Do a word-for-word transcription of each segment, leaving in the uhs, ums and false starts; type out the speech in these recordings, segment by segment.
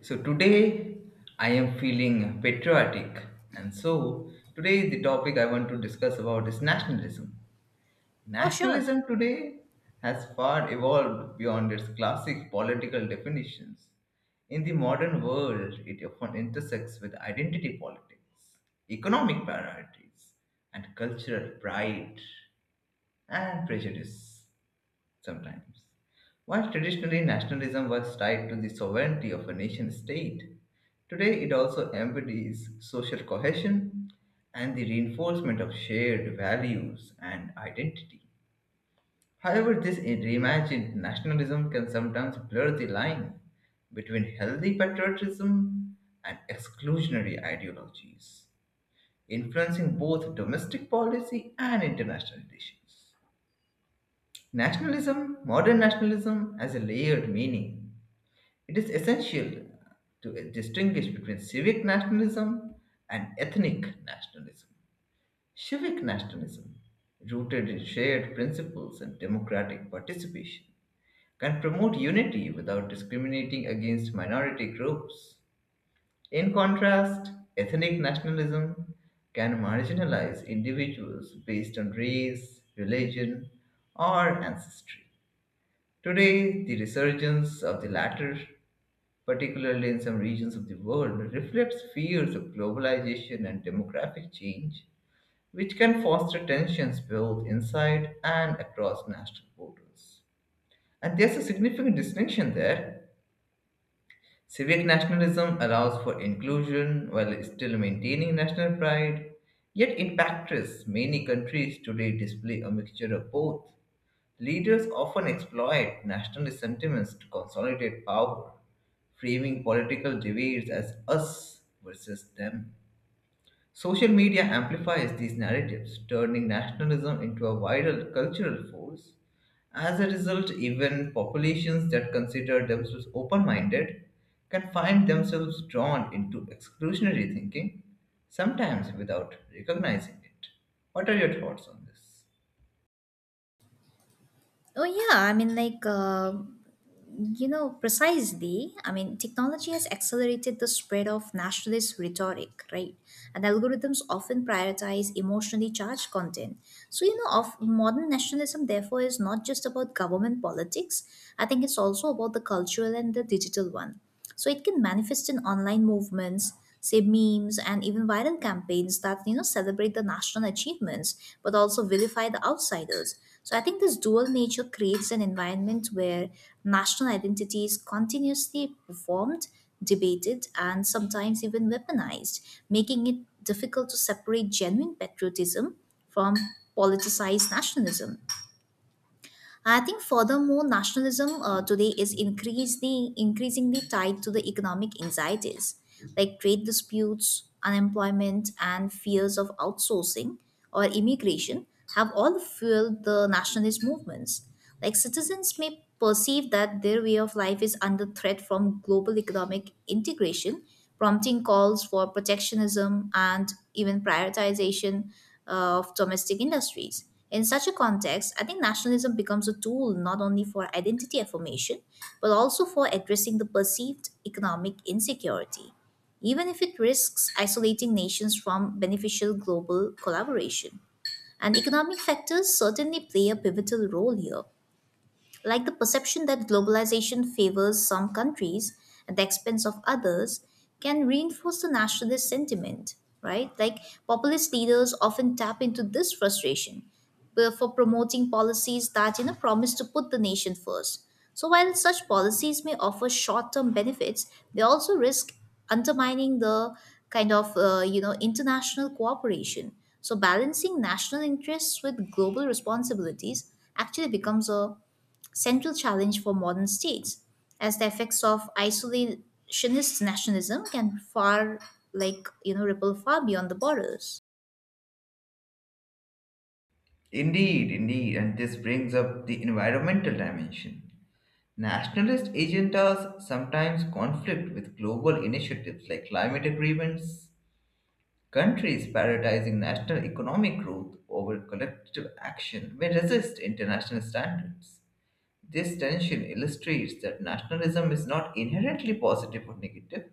So today I am feeling patriotic and so today the topic I want to discuss about is nationalism. Oh, sure. Nationalism today has far evolved beyond its classic political definitions. In the modern world, it often intersects with identity politics, economic priorities, and cultural pride and prejudice sometimes. While traditionally nationalism was tied to the sovereignty of a nation state, today it also embodies social cohesion and the reinforcement of shared values and identity. However, this reimagined nationalism can sometimes blur the line between healthy patriotism and exclusionary ideologies, influencing both domestic policy and international relations. Nationalism, modern nationalism, has a layered meaning. It is essential to distinguish between civic nationalism and ethnic nationalism. Civic nationalism, rooted in shared principles and democratic participation, can promote unity without discriminating against minority groups. In contrast, ethnic nationalism can marginalize individuals based on race, religion, or ancestry. Today, the resurgence of the latter, particularly in some regions of the world, reflects fears of globalization and demographic change, which can foster tensions both inside and across national borders. And there's a significant distinction there. Civic nationalism allows for inclusion while still maintaining national pride, yet in practice, many countries today display a mixture of both. Leaders often exploit nationalist sentiments to consolidate power, framing political debates as us versus them. Social media amplifies these narratives, turning nationalism into a viral cultural force. As a result, even populations that consider themselves open minded can find themselves drawn into exclusionary thinking, sometimes without recognizing it. What are your thoughts on this? Oh, yeah. I mean, like, uh, you know, precisely. I mean, technology has accelerated the spread of nationalist rhetoric, right? And algorithms often prioritize emotionally charged content. So, you know, of modern nationalism, therefore, is not just about government politics. I think it's also about the cultural and the digital one. So it can manifest in online movements, say memes and even viral campaigns that you know celebrate the national achievements but also vilify the outsiders. So I think this dual nature creates an environment where national identity is continuously performed, debated, and sometimes even weaponized, making it difficult to separate genuine patriotism from politicized nationalism. I think furthermore, nationalism uh, today is increasingly increasingly tied to the economic anxieties, like trade disputes, unemployment, and fears of outsourcing or immigration have all fueled the nationalist movements. Like citizens may perceive that their way of life is under threat from global economic integration, prompting calls for protectionism and even prioritization uh, of domestic industries. In such a context, I think nationalism becomes a tool not only for identity affirmation, but also for addressing the perceived economic insecurity, even if it risks isolating nations from beneficial global collaboration. And economic factors certainly play a pivotal role here, like the perception that globalization favors some countries at the expense of others can reinforce the nationalist sentiment, right? Like populist leaders often tap into this frustration uh, for promoting policies that you know promise to put the nation first. So while such policies may offer short-term benefits, they also risk undermining the kind of uh, you know international cooperation. So balancing national interests with global responsibilities actually becomes a central challenge for modern states, as the effects of isolationist nationalism can far, like you know ripple far beyond the borders. Indeed, indeed, and this brings up the environmental dimension. Nationalist agendas sometimes conflict with global initiatives like climate agreements. Countries prioritizing national economic growth over collective action may resist international standards. This tension illustrates that nationalism is not inherently positive or negative,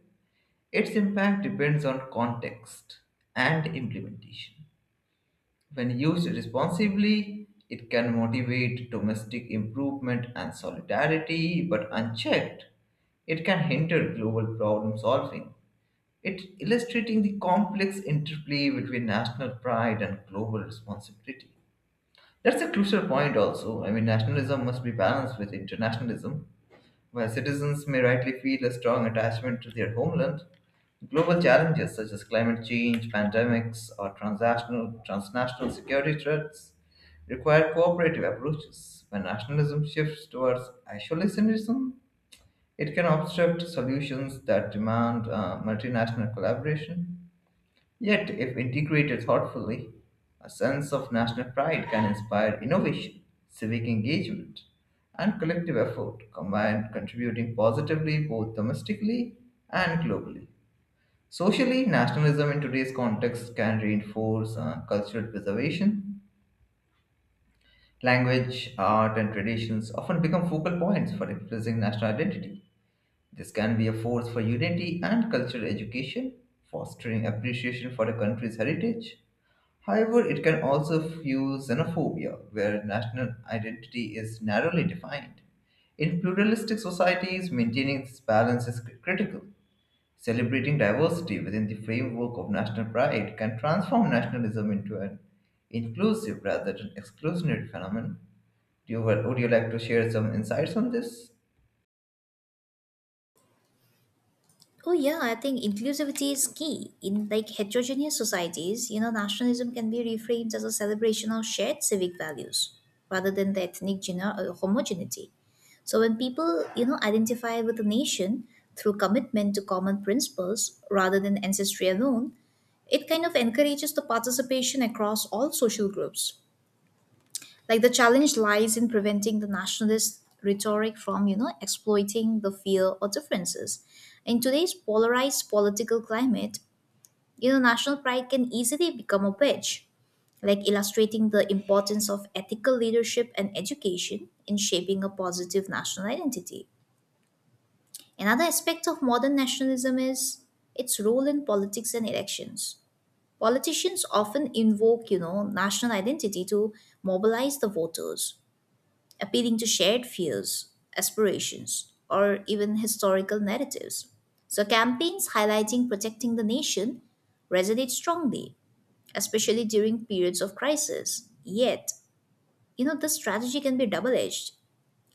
its impact depends on context and implementation. When used responsibly, it can motivate domestic improvement and solidarity, but unchecked, it can hinder global problem solving. It illustrating the complex interplay between national pride and global responsibility. That's a crucial point also. I mean, nationalism must be balanced with internationalism, where citizens may rightly feel a strong attachment to their homeland. Global challenges such as climate change, pandemics, or transnational, transnational security threats require cooperative approaches. When nationalism shifts towards isolationism, it can obstruct solutions that demand uh, multinational collaboration. Yet, if integrated thoughtfully, a sense of national pride can inspire innovation, civic engagement, and collective effort, combined contributing positively both domestically and globally. Socially, nationalism in today's context can reinforce uh, cultural preservation. Language, art, and traditions often become focal points for expressing national identity. This can be a force for unity and cultural education, fostering appreciation for a country's heritage. However, it can also fuel xenophobia, where national identity is narrowly defined. In pluralistic societies, maintaining this balance is cri- critical. Celebrating diversity within the framework of national pride can transform nationalism into an inclusive rather than exclusionary phenomenon. Do you, would you like to share some insights on this? Oh yeah, I think inclusivity is key. In like heterogeneous societies, you know, nationalism can be reframed as a celebration of shared civic values rather than the ethnic geno- uh, homogeneity. So when people, you know, identify with a nation through commitment to common principles rather than ancestry alone, it kind of encourages the participation across all social groups, like the challenge lies in preventing the nationalist rhetoric from you know exploiting the fear or differences in today's polarized political climate. You know national pride can easily become a wedge, like illustrating the importance of ethical leadership and education in shaping a positive national identity. Another aspect of modern nationalism is its role in politics and elections. Politicians often invoke you know national identity to mobilize the voters, appealing to shared fears, aspirations, or even historical narratives. So, campaigns highlighting protecting the nation resonate strongly, especially during periods of crisis. Yet, you know, this strategy can be double edged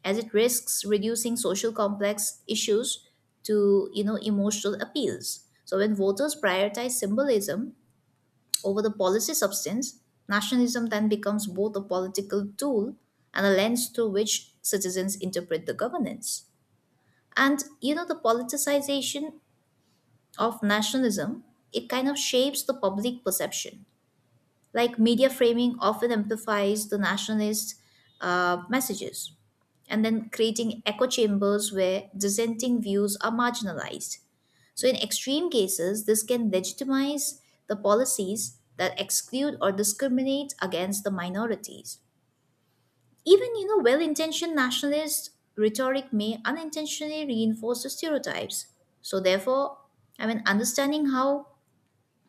as it risks reducing social complex issues to, you know, emotional appeals. So, when voters prioritize symbolism over the policy substance, nationalism then becomes both a political tool and a lens through which citizens interpret the governance. And you know, the politicization of nationalism, it kind of shapes the public perception. Like media framing often amplifies the nationalist uh, messages and then creating echo chambers where dissenting views are marginalized. So, in extreme cases, this can legitimize the policies that exclude or discriminate against the minorities. Even, you know, well intentioned nationalist rhetoric may unintentionally reinforce the stereotypes. So, therefore, I mean, understanding how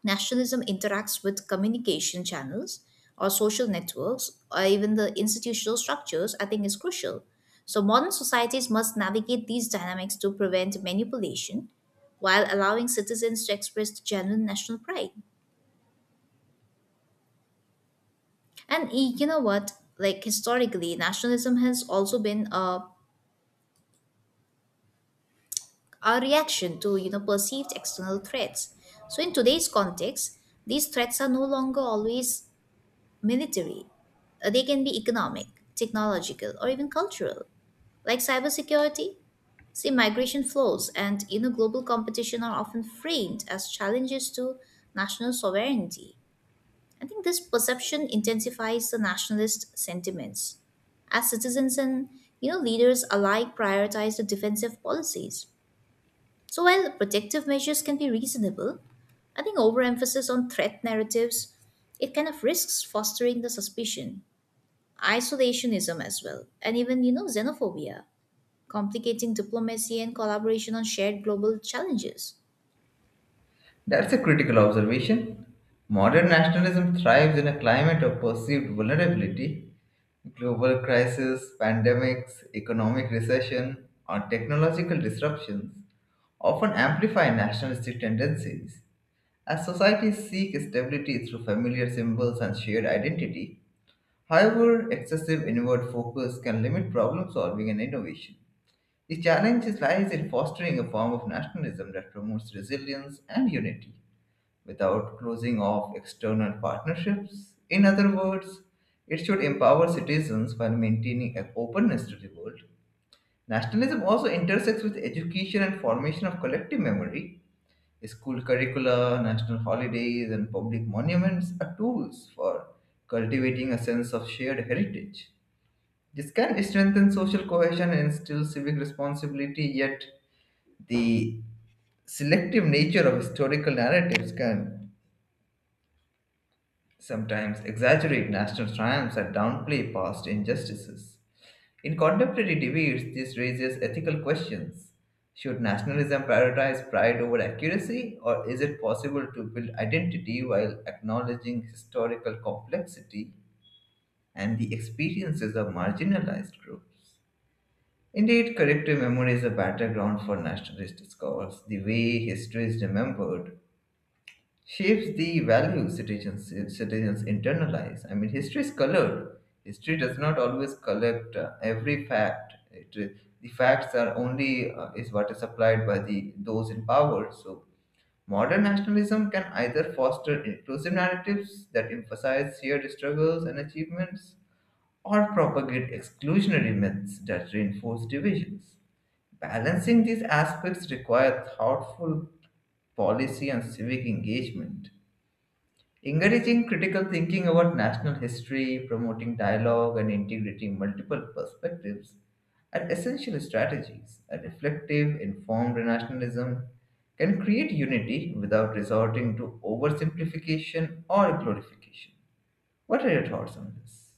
nationalism interacts with communication channels or social networks or even the institutional structures, I think is crucial. So, modern societies must navigate these dynamics to prevent manipulation while allowing citizens to express the genuine national pride. And y- you know what? Like historically, nationalism has also been a, a reaction to you know perceived external threats. So in today's context, these threats are no longer always military. Uh, They can be economic, technological, or even cultural, like cybersecurity. See, migration flows and you know global competition are often framed as challenges to national sovereignty. I think this perception intensifies the nationalist sentiments as citizens and you know leaders alike prioritize the defensive policies. So while protective measures can be reasonable, I think overemphasis on threat narratives it kind of risks fostering the suspicion, isolationism as well, and even, you know, xenophobia, complicating diplomacy and collaboration on shared global challenges. That's a critical observation. Modern nationalism thrives in a climate of perceived vulnerability, global crises, pandemics, economic recession, or technological disruptions often amplify nationalistic tendencies. As societies seek stability through familiar symbols and shared identity, however, excessive inward focus can limit problem solving and innovation. The challenge is- lies in fostering a form of nationalism that promotes resilience and unity without closing off external partnerships. In other words, it should empower citizens while maintaining an openness to the world. Nationalism also intersects with education and formation of collective memory. School curricula, national holidays, and public monuments are tools for cultivating a sense of shared heritage. This can strengthen social cohesion and instill civic responsibility, yet, the selective nature of historical narratives can sometimes exaggerate national triumphs and downplay past injustices. In contemporary debates, this raises ethical questions. Should nationalism prioritize pride over accuracy, or is it possible to build identity while acknowledging historical complexity and the experiences of marginalized groups? Indeed, collective memory is a battleground for nationalist discourse. The way history is remembered shapes the values citizens citizens internalize. I mean, history is colored. History does not always collect uh, every fact. It, uh, the facts are only uh, is what is supplied by the those in power. So modern nationalism can either foster inclusive narratives that emphasize shared struggles and achievements, or propagate exclusionary myths that reinforce divisions. Balancing these aspects requires thoughtful policy and civic engagement. Encouraging critical thinking about national history, promoting dialogue, and integrating multiple perspectives are essential strategies. A reflective, informed nationalism can create unity without resorting to oversimplification or glorification. What are your thoughts on this?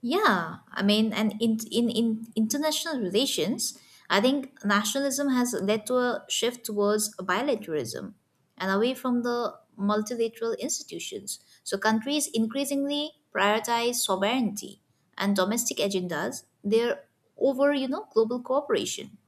Yeah, I mean, and in, in, in international relations, I think nationalism has led to a shift towards bilateralism and away from the multilateral institutions. So countries increasingly prioritize sovereignty and domestic agendas there over, you know, global cooperation.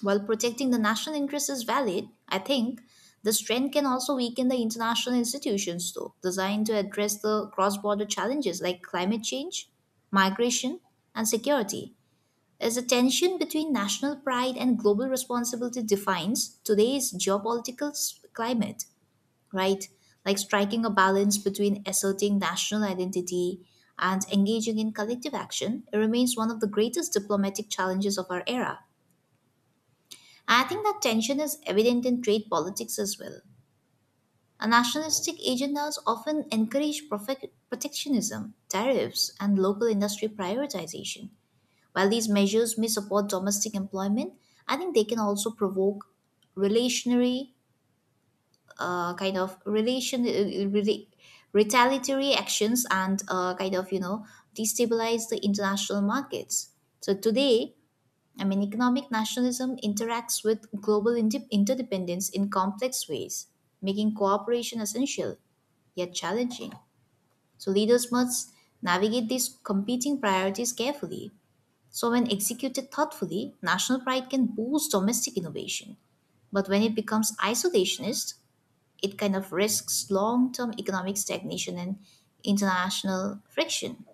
While protecting the national interest is valid, I think the strength can also weaken the international institutions, though, designed to address the cross border challenges like climate change, migration, and security. As the tension between national pride and global responsibility defines today's geopolitical s- climate, right? Like striking a balance between asserting national identity and engaging in collective action, it remains one of the greatest diplomatic challenges of our era. I think that tension is evident in trade politics as well. A nationalistic agendas often encourage profe- protectionism, tariffs, and local industry prioritization. While these measures may support domestic employment, I think they can also provoke relationary uh, kind of relation uh, rela- retaliatory actions and uh, kind of you know destabilize the international markets. So today, I mean, economic nationalism interacts with global inde- interdependence in complex ways, making cooperation essential, yet challenging. So, leaders must navigate these competing priorities carefully. So, when executed thoughtfully, national pride can boost domestic innovation. But when it becomes isolationist, it kind of risks long term economic stagnation and international friction.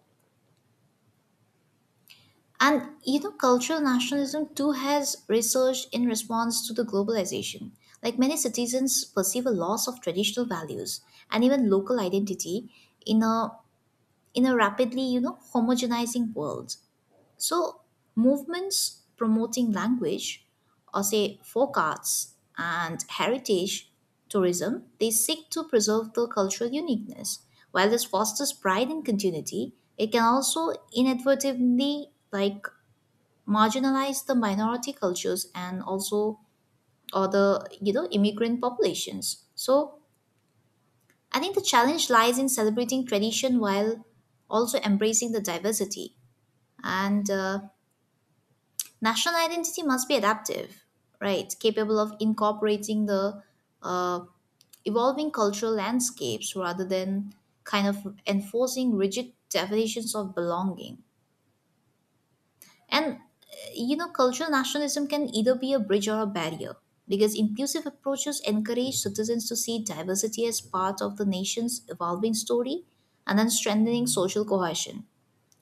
And you know, cultural nationalism too has resurged in response to the globalization. Like many citizens perceive a loss of traditional values and even local identity in a in a rapidly, you know, homogenizing world. So movements promoting language or say folk arts and heritage tourism, they seek to preserve the cultural uniqueness. While this fosters pride and continuity, it can also inadvertently, like, marginalize the minority cultures and also or the you know immigrant populations. So I think the challenge lies in celebrating tradition while also embracing the diversity, and uh, national identity must be adaptive, right? Capable of incorporating the uh, evolving cultural landscapes rather than kind of enforcing rigid definitions of belonging. And uh, you know, cultural nationalism can either be a bridge or a barrier because inclusive approaches encourage citizens to see diversity as part of the nation's evolving story and then strengthening social cohesion.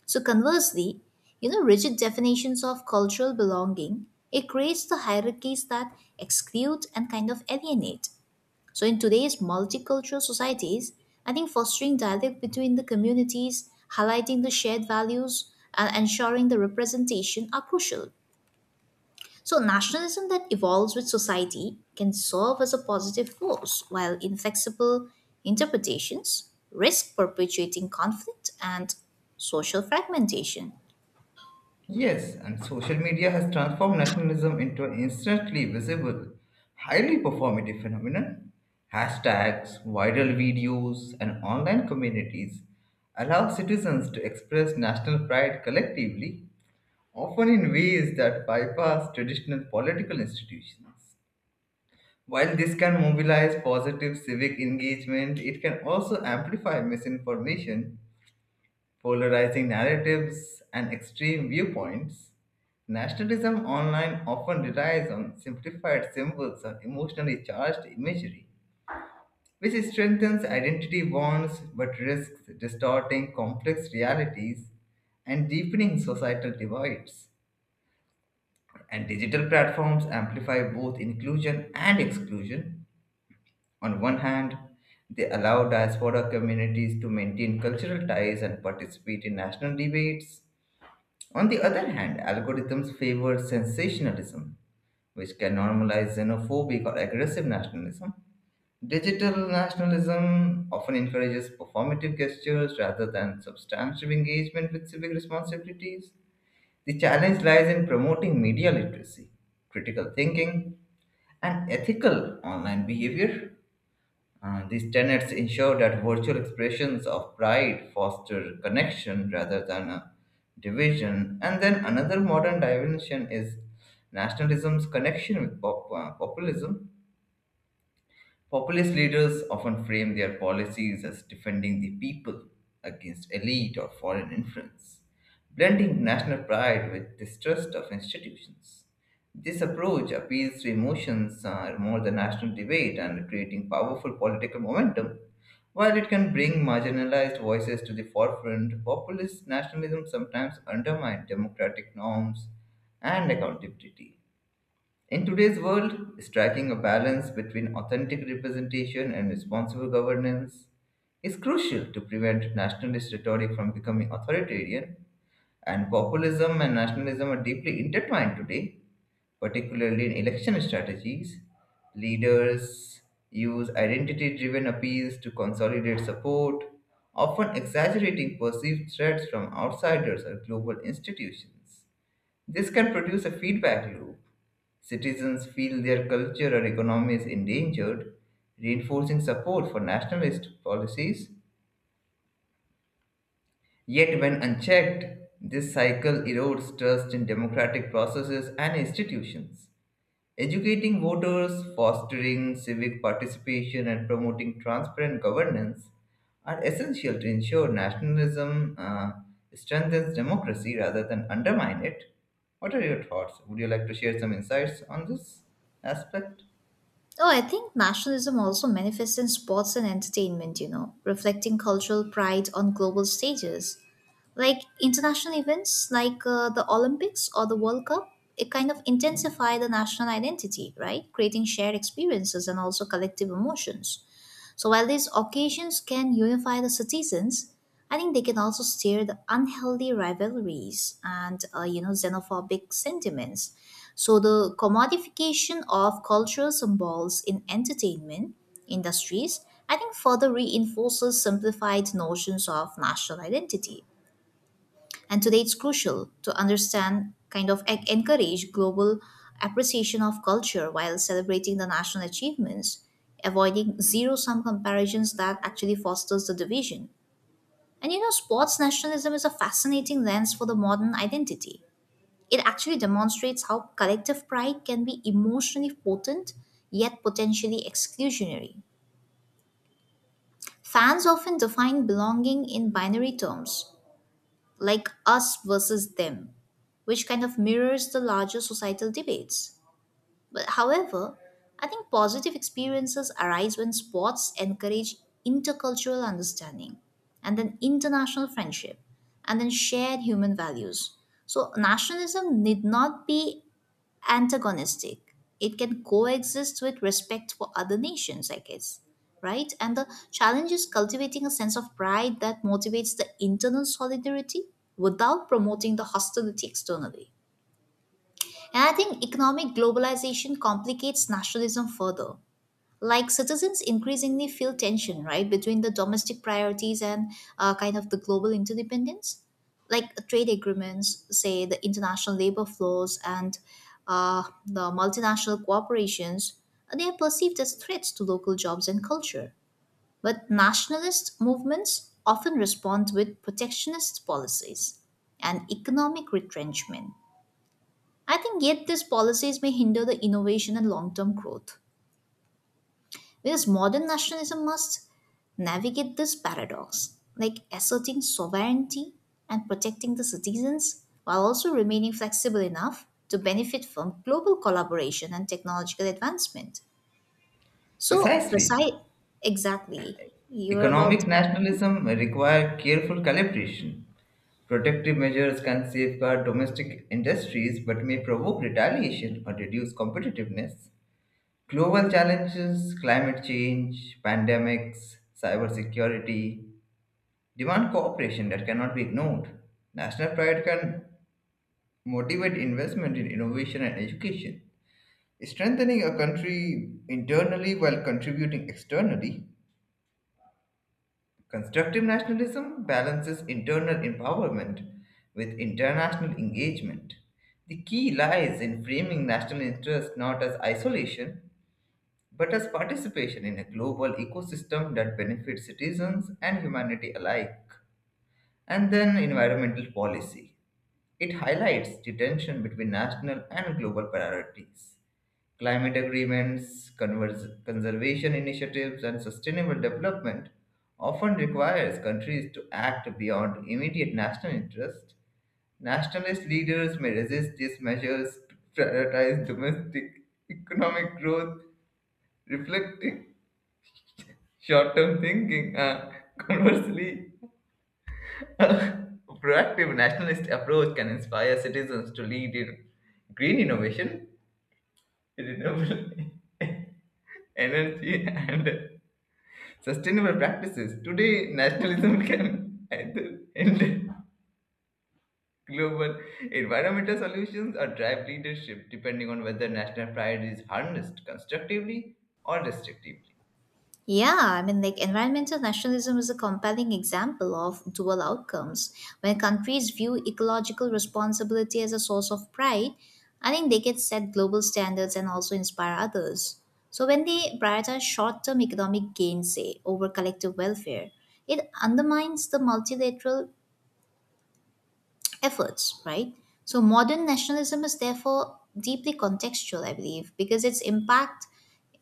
So, conversely, you know, rigid definitions of cultural belonging, it creates the hierarchies that exclude and kind of alienate. So, in today's multicultural societies, I think fostering dialogue between the communities, highlighting the shared values, and ensuring the representation are crucial. So, nationalism that evolves with society can serve as a positive force, while inflexible interpretations risk perpetuating conflict and social fragmentation. Yes, and social media has transformed nationalism into an instantly visible, highly performative phenomenon. Hashtags, viral videos, and online communities allow citizens to express national pride collectively, often in ways that bypass traditional political institutions. While this can mobilize positive civic engagement, it can also amplify misinformation polarizing narratives, and extreme viewpoints. Nationalism online often relies on simplified symbols or emotionally charged imagery, which strengthens identity bonds but risks distorting complex realities and deepening societal divides. And digital platforms amplify both inclusion and exclusion. On one hand, they allow diaspora communities to maintain cultural ties and participate in national debates. On the other hand, algorithms favor sensationalism, which can normalize xenophobic or aggressive nationalism. Digital nationalism often encourages performative gestures rather than substantive engagement with civic responsibilities. The challenge lies in promoting media literacy, critical thinking, and ethical online behavior. Uh, these tenets ensure that virtual expressions of pride foster connection rather than a division. And then another modern dimension is nationalism's connection with pop, uh, populism. Populist leaders often frame their policies as defending the people against elite or foreign influence, blending national pride with distrust of institutions. This approach appeals to emotions uh, more than national debate and creating powerful political momentum. While it can bring marginalized voices to the forefront, populist nationalism sometimes undermines democratic norms and accountability. In today's world, striking a balance between authentic representation and responsible governance is crucial to prevent nationalist rhetoric from becoming authoritarian. And populism and nationalism are deeply intertwined today, particularly in election strategies. Leaders use identity driven appeals to consolidate support, often exaggerating perceived threats from outsiders or global institutions. This can produce a feedback loop. Citizens feel their culture or economy is endangered, reinforcing support for nationalist policies. Yet, when unchecked, this cycle erodes trust in democratic processes and institutions. Educating voters, fostering civic participation, and promoting transparent governance are essential to ensure nationalism uh, strengthens democracy rather than undermine it. What are your thoughts? Would you like to share some insights on this aspect? Oh, I think nationalism also manifests in sports and entertainment, you know, reflecting cultural pride on global stages. Like international events like uh, the Olympics or the World Cup, it kind of intensify the national identity, right? Creating shared experiences and also collective emotions. So while these occasions can unify the citizens, I think they can also stir the unhealthy rivalries and uh, you know xenophobic sentiments. So the commodification of cultural symbols in entertainment industries, I think, further reinforces simplified notions of national identity. And today it's crucial to understand, kind of en- encourage global appreciation of culture while celebrating the national achievements, avoiding zero sum comparisons that actually fosters the division. And you know, sports nationalism is a fascinating lens for the modern identity. It actually demonstrates how collective pride can be emotionally potent yet potentially exclusionary. Fans often define belonging in binary terms like us versus them, which kind of mirrors the larger societal debates. But however, I think positive experiences arise when sports encourage intercultural understanding and then international friendship and then shared human values. So nationalism need not be antagonistic. It can coexist with respect for other nations, I guess, right? And the challenge is cultivating a sense of pride that motivates the internal solidarity without promoting the hostility externally. And I think economic globalization complicates nationalism further, like citizens increasingly feel tension, right, between the domestic priorities and uh, kind of the global interdependence, like trade agreements, say the international labor flows and uh, the multinational corporations, they are perceived as threats to local jobs and culture, but nationalist movements often respond with protectionist policies and economic retrenchment. I think yet these policies may hinder the innovation and long-term growth because modern nationalism must navigate this paradox, like asserting sovereignty and protecting the citizens while also remaining flexible enough to benefit from global collaboration and technological advancement. So, Precisely. precise, exactly. You were about Economic to. nationalism may require careful calibration. Protective measures can safeguard domestic industries but may provoke retaliation or reduce competitiveness. Global challenges, climate change, pandemics, cybersecurity demand cooperation that cannot be ignored. National pride can motivate investment in innovation and education. Strengthening a country internally while contributing externally. Constructive nationalism balances internal empowerment with international engagement. The key lies in framing national interest not as isolation, but as participation in a global ecosystem that benefits citizens and humanity alike. And then environmental policy. It highlights the tension between national and global priorities climate agreements, convers- conservation initiatives, and sustainable development often requires countries to act beyond immediate national interest. Nationalist leaders may resist these measures to prioritize domestic economic growth, reflecting short-term thinking. Uh, conversely, a proactive nationalist approach can inspire citizens to lead in green innovation, renewable energy, and sustainable practices. Today, nationalism can either end global environmental solutions or drive leadership, depending on whether national pride is harnessed constructively or restrictively. Yeah, I mean, like environmental nationalism is a compelling example of dual outcomes. When countries view ecological responsibility as a source of pride, I think they can set global standards and also inspire others. So, when they prioritize short term economic gain, say, over collective welfare, it undermines the multilateral efforts, right? So modern nationalism is therefore deeply contextual, I believe, because its impact,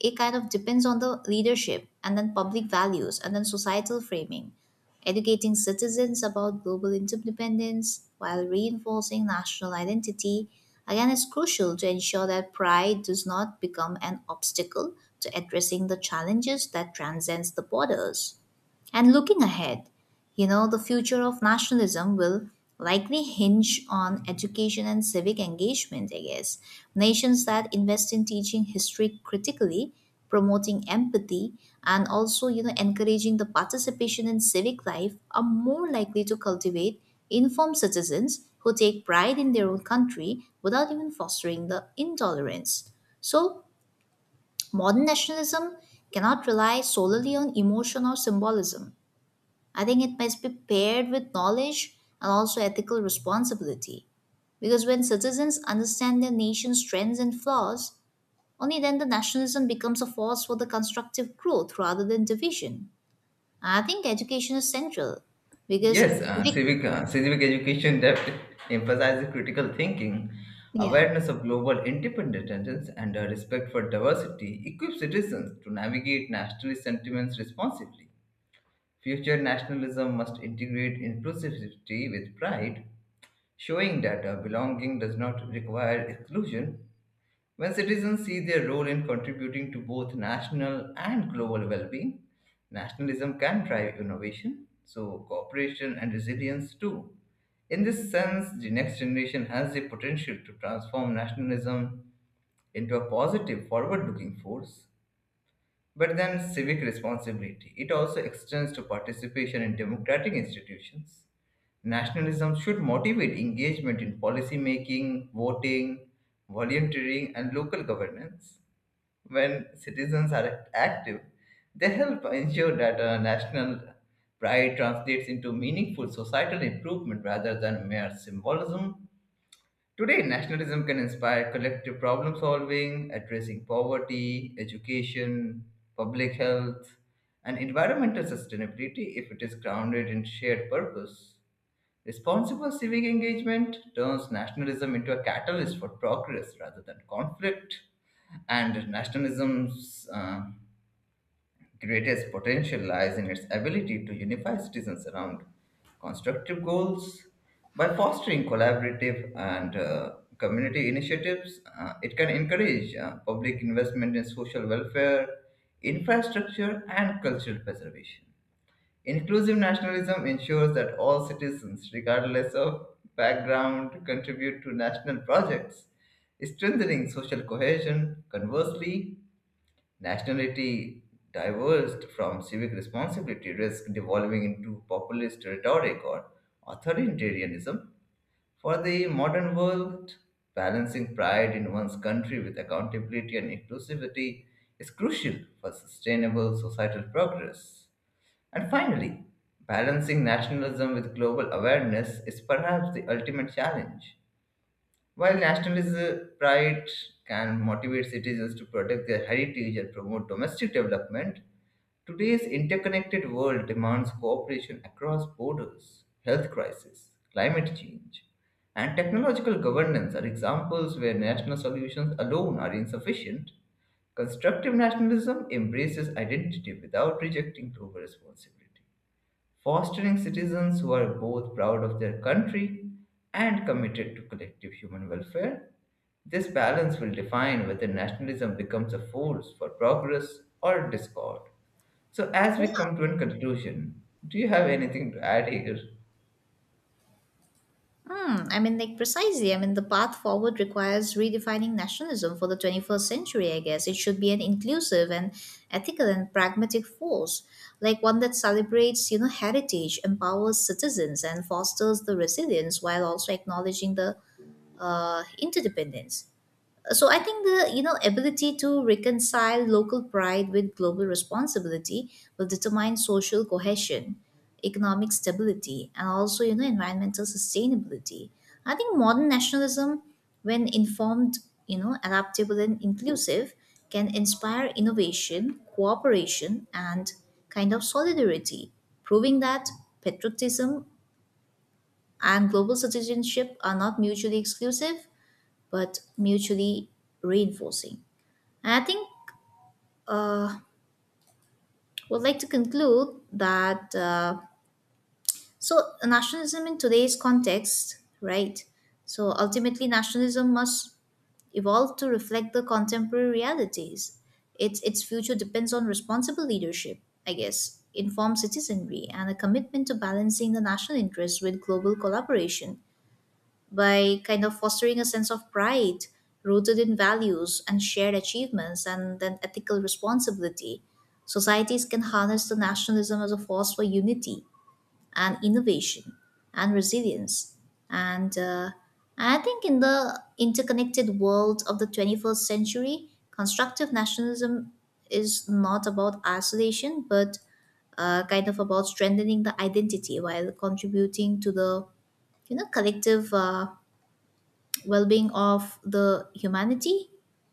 it kind of depends on the leadership and then public values and then societal framing, educating citizens about global interdependence while reinforcing national identity. Again, it's crucial to ensure that pride does not become an obstacle to addressing the challenges that transcends the borders. And looking ahead, you know, the future of nationalism will likely hinge on education and civic engagement, I guess. Nations that invest in teaching history critically, promoting empathy, and also, you know, encouraging the participation in civic life are more likely to cultivate informed citizens who take pride in their own country without even fostering the intolerance. So, modern nationalism cannot rely solely on emotion or symbolism. I think it must be paired with knowledge and also ethical responsibility. Because when citizens understand their nation's strengths and flaws, only then the nationalism becomes a force for the constructive growth rather than division. I think education is central because Yes, uh, civic, civic, uh, civic education depth emphasizes critical thinking, yeah. awareness of global interdependence, and a respect for diversity equips citizens to navigate nationalist sentiments responsibly. Future nationalism must integrate inclusivity with pride showing that uh, belonging does not require exclusion. When citizens see their role in contributing to both national and global well being, nationalism can drive innovation, so cooperation and resilience too. In this sense, the next generation has the potential to transform nationalism into a positive, forward looking force. But then civic responsibility, it also extends to participation in democratic institutions. Nationalism should motivate engagement in policy making, voting, volunteering, and local governance. When citizens are act- active, they help ensure that uh, national pride translates into meaningful societal improvement rather than mere symbolism. Today, nationalism can inspire collective problem solving, addressing poverty, education, public health, and environmental sustainability if it is grounded in shared purpose. Responsible civic engagement turns nationalism into a catalyst for progress rather than conflict, and nationalism's uh, greatest potential lies in its ability to unify citizens around constructive goals. By fostering collaborative and uh, community initiatives, uh, it can encourage uh, public investment in social welfare, infrastructure, and cultural preservation. Inclusive nationalism ensures that all citizens, regardless of background, contribute to national projects, strengthening social cohesion. Conversely, nationality divorced from civic responsibility risk devolving into populist rhetoric or authoritarianism. For the modern world, balancing pride in one's country with accountability and inclusivity is crucial for sustainable societal progress. And finally, balancing nationalism with global awareness is perhaps the ultimate challenge. While nationalist uh, pride can motivate citizens to protect their heritage and promote domestic development, today's interconnected world demands cooperation across borders. Health crisis, climate change, and technological governance are examples where national solutions alone are insufficient. Constructive nationalism embraces identity without rejecting global responsibility, fostering citizens who are both proud of their country and committed to collective human welfare. This balance will define whether nationalism becomes a force for progress or discord. So, as we come to a conclusion, do you have anything to add here? Hmm, I mean, like precisely. I mean, the path forward requires redefining nationalism for the twenty-first century, I guess. It should be an inclusive and ethical and pragmatic force, like one that celebrates, you know, heritage, empowers citizens, and fosters the resilience while also acknowledging the uh, interdependence. So I think the you know ability to reconcile local pride with global responsibility will determine social cohesion, economic stability, and also you know environmental sustainability. I think modern nationalism, when informed, you know adaptable and inclusive, can inspire innovation, cooperation, and kind of solidarity, proving that patriotism and global citizenship are not mutually exclusive but mutually reinforcing. And I think uh, would like to conclude that uh, so nationalism in today's context, right? So ultimately, nationalism must evolve to reflect the contemporary realities. Its its future depends on responsible leadership, I guess, informed citizenry, and a commitment to balancing the national interests with global collaboration. By kind of fostering a sense of pride rooted in values and shared achievements and then ethical responsibility, societies can harness the nationalism as a force for unity and innovation and resilience. And uh, I think in the interconnected world of the twenty-first century, constructive nationalism is not about isolation but uh, kind of about strengthening the identity while contributing to the you know collective uh, well-being of the humanity.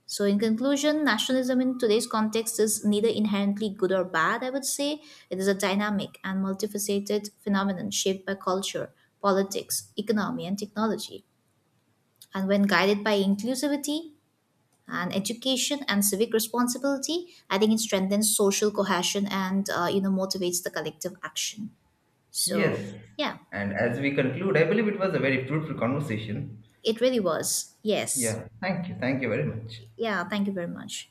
So in conclusion, nationalism in today's context is neither inherently good or bad, I would say. It is a dynamic and multifaceted phenomenon shaped by culture, politics, economy, and technology. And when guided by inclusivity and education and civic responsibility, I think it strengthens social cohesion and uh, you know motivates the collective action. So Yes. yeah, And as we conclude, I believe it was a very fruitful conversation. it really was. Yes. Yeah, thank you. Thank you very much. Yeah, thank you very much.